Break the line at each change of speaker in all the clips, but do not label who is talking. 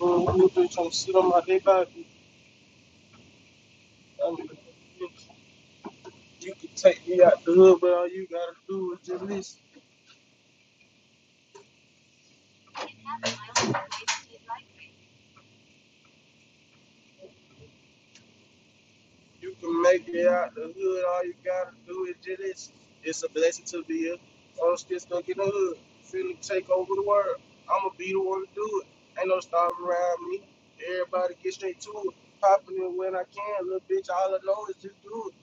You trying my dick out. I mean, you can take me out the hood, but all you gotta do is just listen. You can make it out the hood, all you gotta do is just listen. It's a blessing to be here. I'm still stuck in the hood. feeling take over the world. I'ma be the one to do it. Ain't no starving around me. Everybody get straight to it. Popping it when I can, little bitch. All I know is just do it.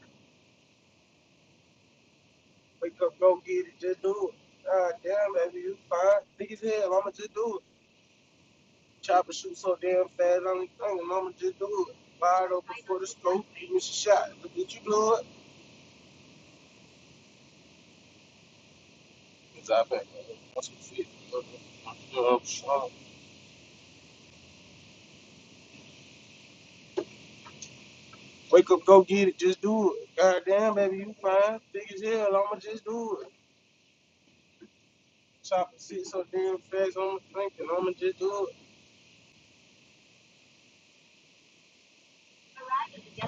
Wake up, go get it, just do it. God damn, baby, you fine. Big as hell, I'ma just do it. Chopper shoots so damn fast, I'm like, oh, mama, just do it. Fired open for the scope, you miss a shot. Look at you blow it. It's out back. That's what it is. You know, strong. Wake up, go get it, just do it. Goddamn, baby, you fine. Big as hell, I'ma just do it. Chopper sit so damn fast, I'ma think, I'ma just do it.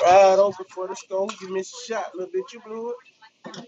Wide open for the scope, you miss a shot. Little bit, you blew it.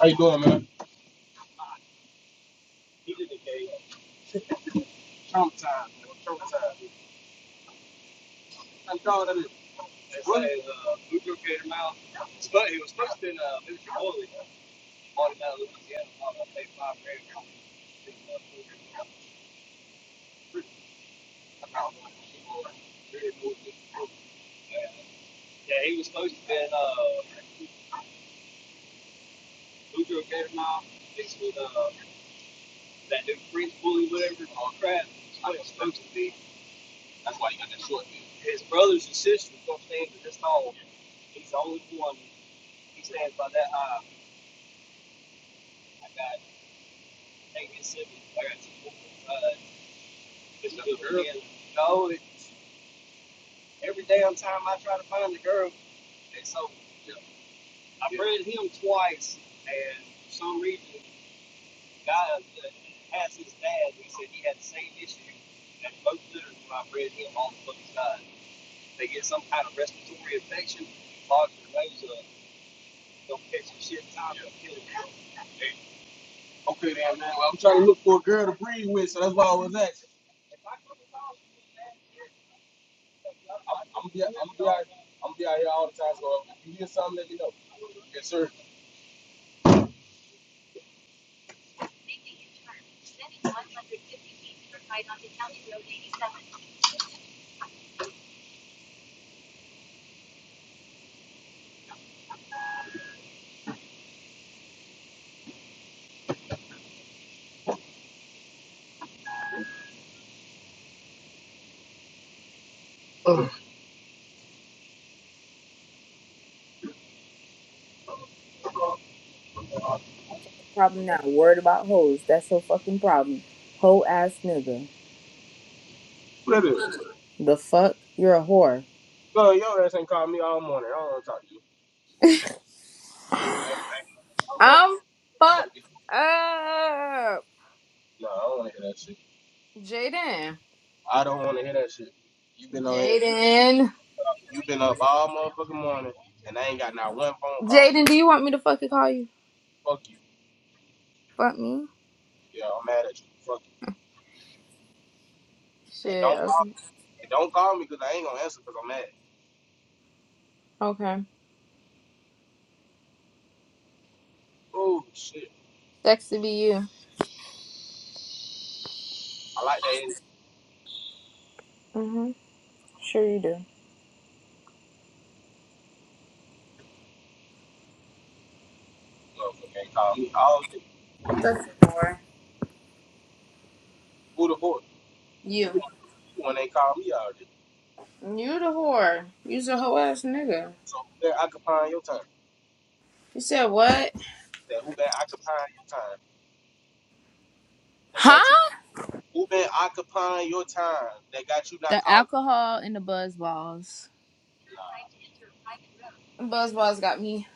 How you doing, man? He's in the cage. Okay then, man. Well, I'm trying to look for a girl to breed with, so that's why I was asking. I'm, I'm be, I'm be out, I'm be out here all the time. So if you hear something, let me know. Yes, sir.
problem now. Worried about hoes. That's your fucking problem. Hoe ass nigga.
What is it?
The fuck? You're a whore.
So your ass ain't calling me all morning. I don't want to talk to you. Right? I'm up.
I'm
I'm about to
fucked
be.
up.
No, I don't want to hear that shit.
Jaden.
I don't want to hear that shit. You been on here. You,
Jaden.
you been up all motherfucking morning, and I ain't got not one phone call.
Jaden, do you want me to fucking call you?
Fuck you.
Fuck me?
Yeah, I'm mad at you. Fuck you. And
Shit.
don't
Okay.
call and don't call me because I ain't gonna answer because I'm mad.
okay.
Oh shit.
Sexy be you.
I like that energy.
Mm-hmm. Sure you do.
Motherfucker ain't call me all day.
Sexy whore.
Who the boy? You the
You.
one you the one ain't call me all day.
You the whore. You's a hoe ass nigga.
So who been occupying your time?
You said what?
That who been occupying your time? That
Huh?
got you who been occupying your time that got you not
The
calling
alcohol and the buzz balls.
me? Nah.
Buzz balls got me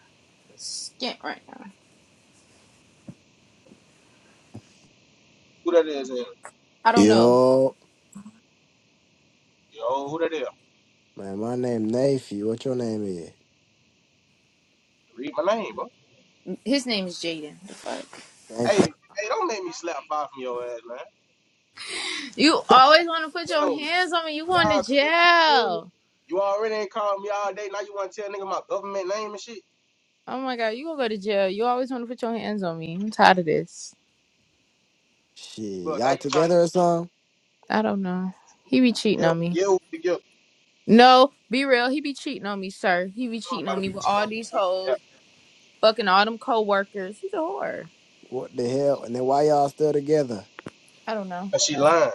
skint right
Who that is Aaron?
I don't know.
Yo,
Yo, who that is?
man, my name Nafy. What your name is?
Read my name, bro.
His name is Jaden. The fuck?
Thank
Hey,
you.
hey, don't make me slap five from your ass, man.
You always want to put
That
your
don't
hands on me. You going to
Nah, 'cause you feel me?
jail.
You already ain't calling me all day. Now you want to tell nigga my government name and shit.
Oh my god, you gonna go to jail. You always want to put your hands on me. I'm tired of this.
Shit,
Well, now
y'all
you trying
together
to
or something?
I don't know. He be cheating
yell,
on me.
yell with the guilt.
No, be real. He be cheating on me, sir. He be
I'm
cheating
about
on
to
me
be
with
cheating
all
on me.
these
son. Yeah,
hoes, fucking all them co-workers. He's a whore.
What the hell? And then why y'all still together?
I don't know.
'cause she lying.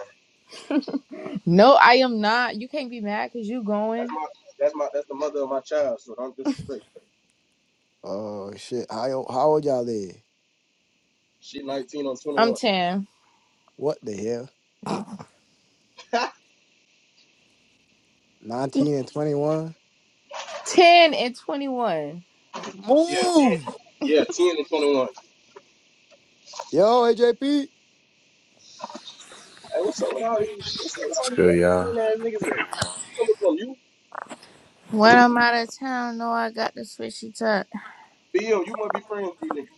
No, I am not. You can't be mad because you
That's
going.
my, that's my, that's the mother of my child. So don't disrespect.
Oh shit, how yo- how old y'all is?
She 19 on
I'm
21.
10.
What the hell? Nineteen and twenty one.
10 and 21.
Yeah, 10,
Move,
yeah, 10 and 21.
yo, AJP.
Hey, what's up with all these? What's up with all
What's
these
good, y'all?
clean ass niggas? At? You coming from you?
When I'm out of town, no, I got the switchy touch.
BM, you must be friends with these niggas.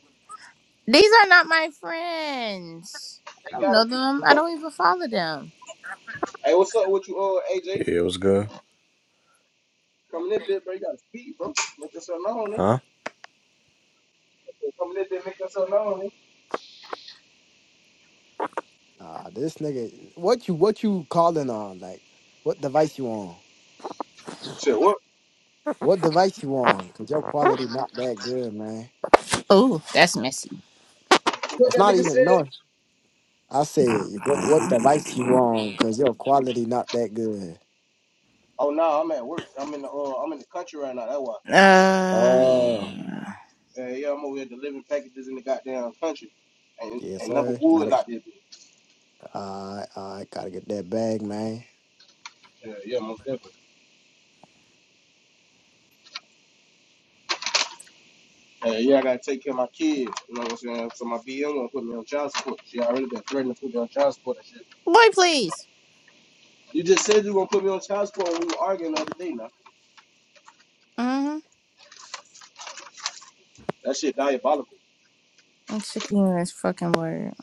These are not my friends.
They
I don't
gotta
know
be.
them. I don't even follow them.
Hey, what's up with you, uh, AJ?
Yeah, it was good?
Coming in, bit, bro. You gotta speed, bro. Make yourself known, nigga.
Huh?
Come let that make so known.
Nah, this nigga, what you what you calling on? Like, what device you on?
Said what?
What device you on? Cause your quality not that good, man.
Oh, that's messy.
What
It's
that
not
nigga
even
said?
north. I said, what what device you on? Cause your quality not that good.
Oh no, nah, I'm at work. I'm in the uh, I'm in the country right now. That's why.
Uh,
Oh,
Yeah, yeah, I'm over here delivering packages in the goddamn country, and
yes,
and number
sir. Got
woods
it.
out there.
I I gotta get that bag, man.
Yeah, yeah, most definitely. Yeah, yeah, I gotta take care of my kids. You know what I'm saying? So my BM gonna put me on child support. She already been threatening to put me on child support and shit.
boy, please.
You just said you gonna put me on child support when we were arguing the other day. Now
Mm-hmm.
that shit diabolical.
I'm sick of this fucking word.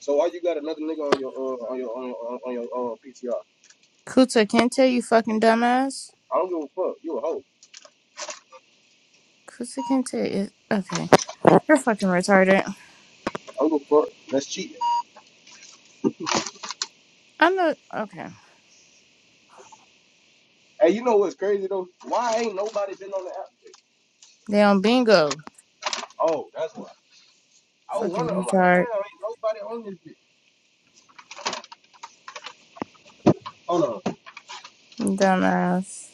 So why you got another nigga on your uh, on your on your on your uh, PTR?
Kuta Kente, you fucking dumbass.
I don't give a fuck. You a hoe.
Kuta Kente is okay. You're fucking retarded.
I don't give a fuck. That's cheating.
I know. Okay,
Hey, you know what's crazy though? Why ain't nobody been on the app? yet?
they on bingo.
Oh, that's why. I was
Fucking
wondering. I'm like, damn,
retard,
ain't nobody on this bitch. Hold on.
dumbass.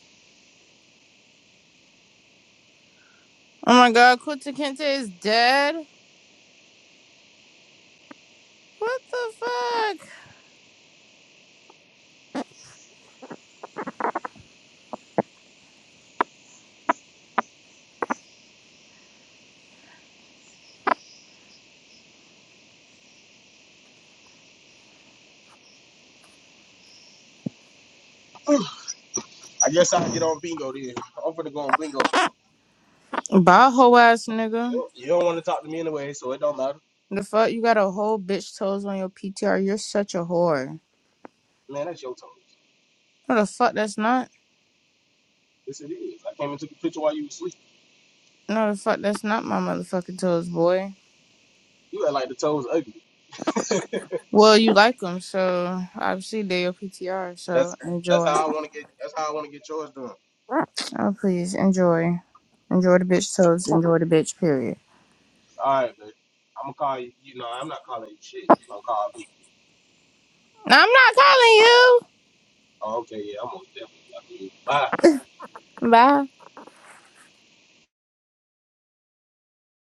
Oh my god, Kuta Kente is dead. What the fuck?
I guess I can get on bingo then. I'm finna go on bingo.
Bye, hoe ass
You
nigga.
don't, you don't want to talk to me anyway, so it don't matter.
The fuck, you got a whole bitch toes on your PTR. You're such a whore.
Man, that's your toes.
No, the fuck, that's not.
Yes, it is. I came and took a picture while you was asleep.
No, the fuck, that's not my motherfucking toes, boy.
You had like the toes ugly.
Well, you like them, so obviously they're your PTR. So
That's that's
enjoy.
how I want to get. That's how I want to get yours done.
Oh, please enjoy. Enjoy the bitch toes. Enjoy the bitch. Period.
All right, man. I'm gonna call you. You know, I'm not calling you shit. You gonna call me?
No, I'm not calling you.
Oh, okay, yeah, I'm gonna definitely. Bye.
Bye.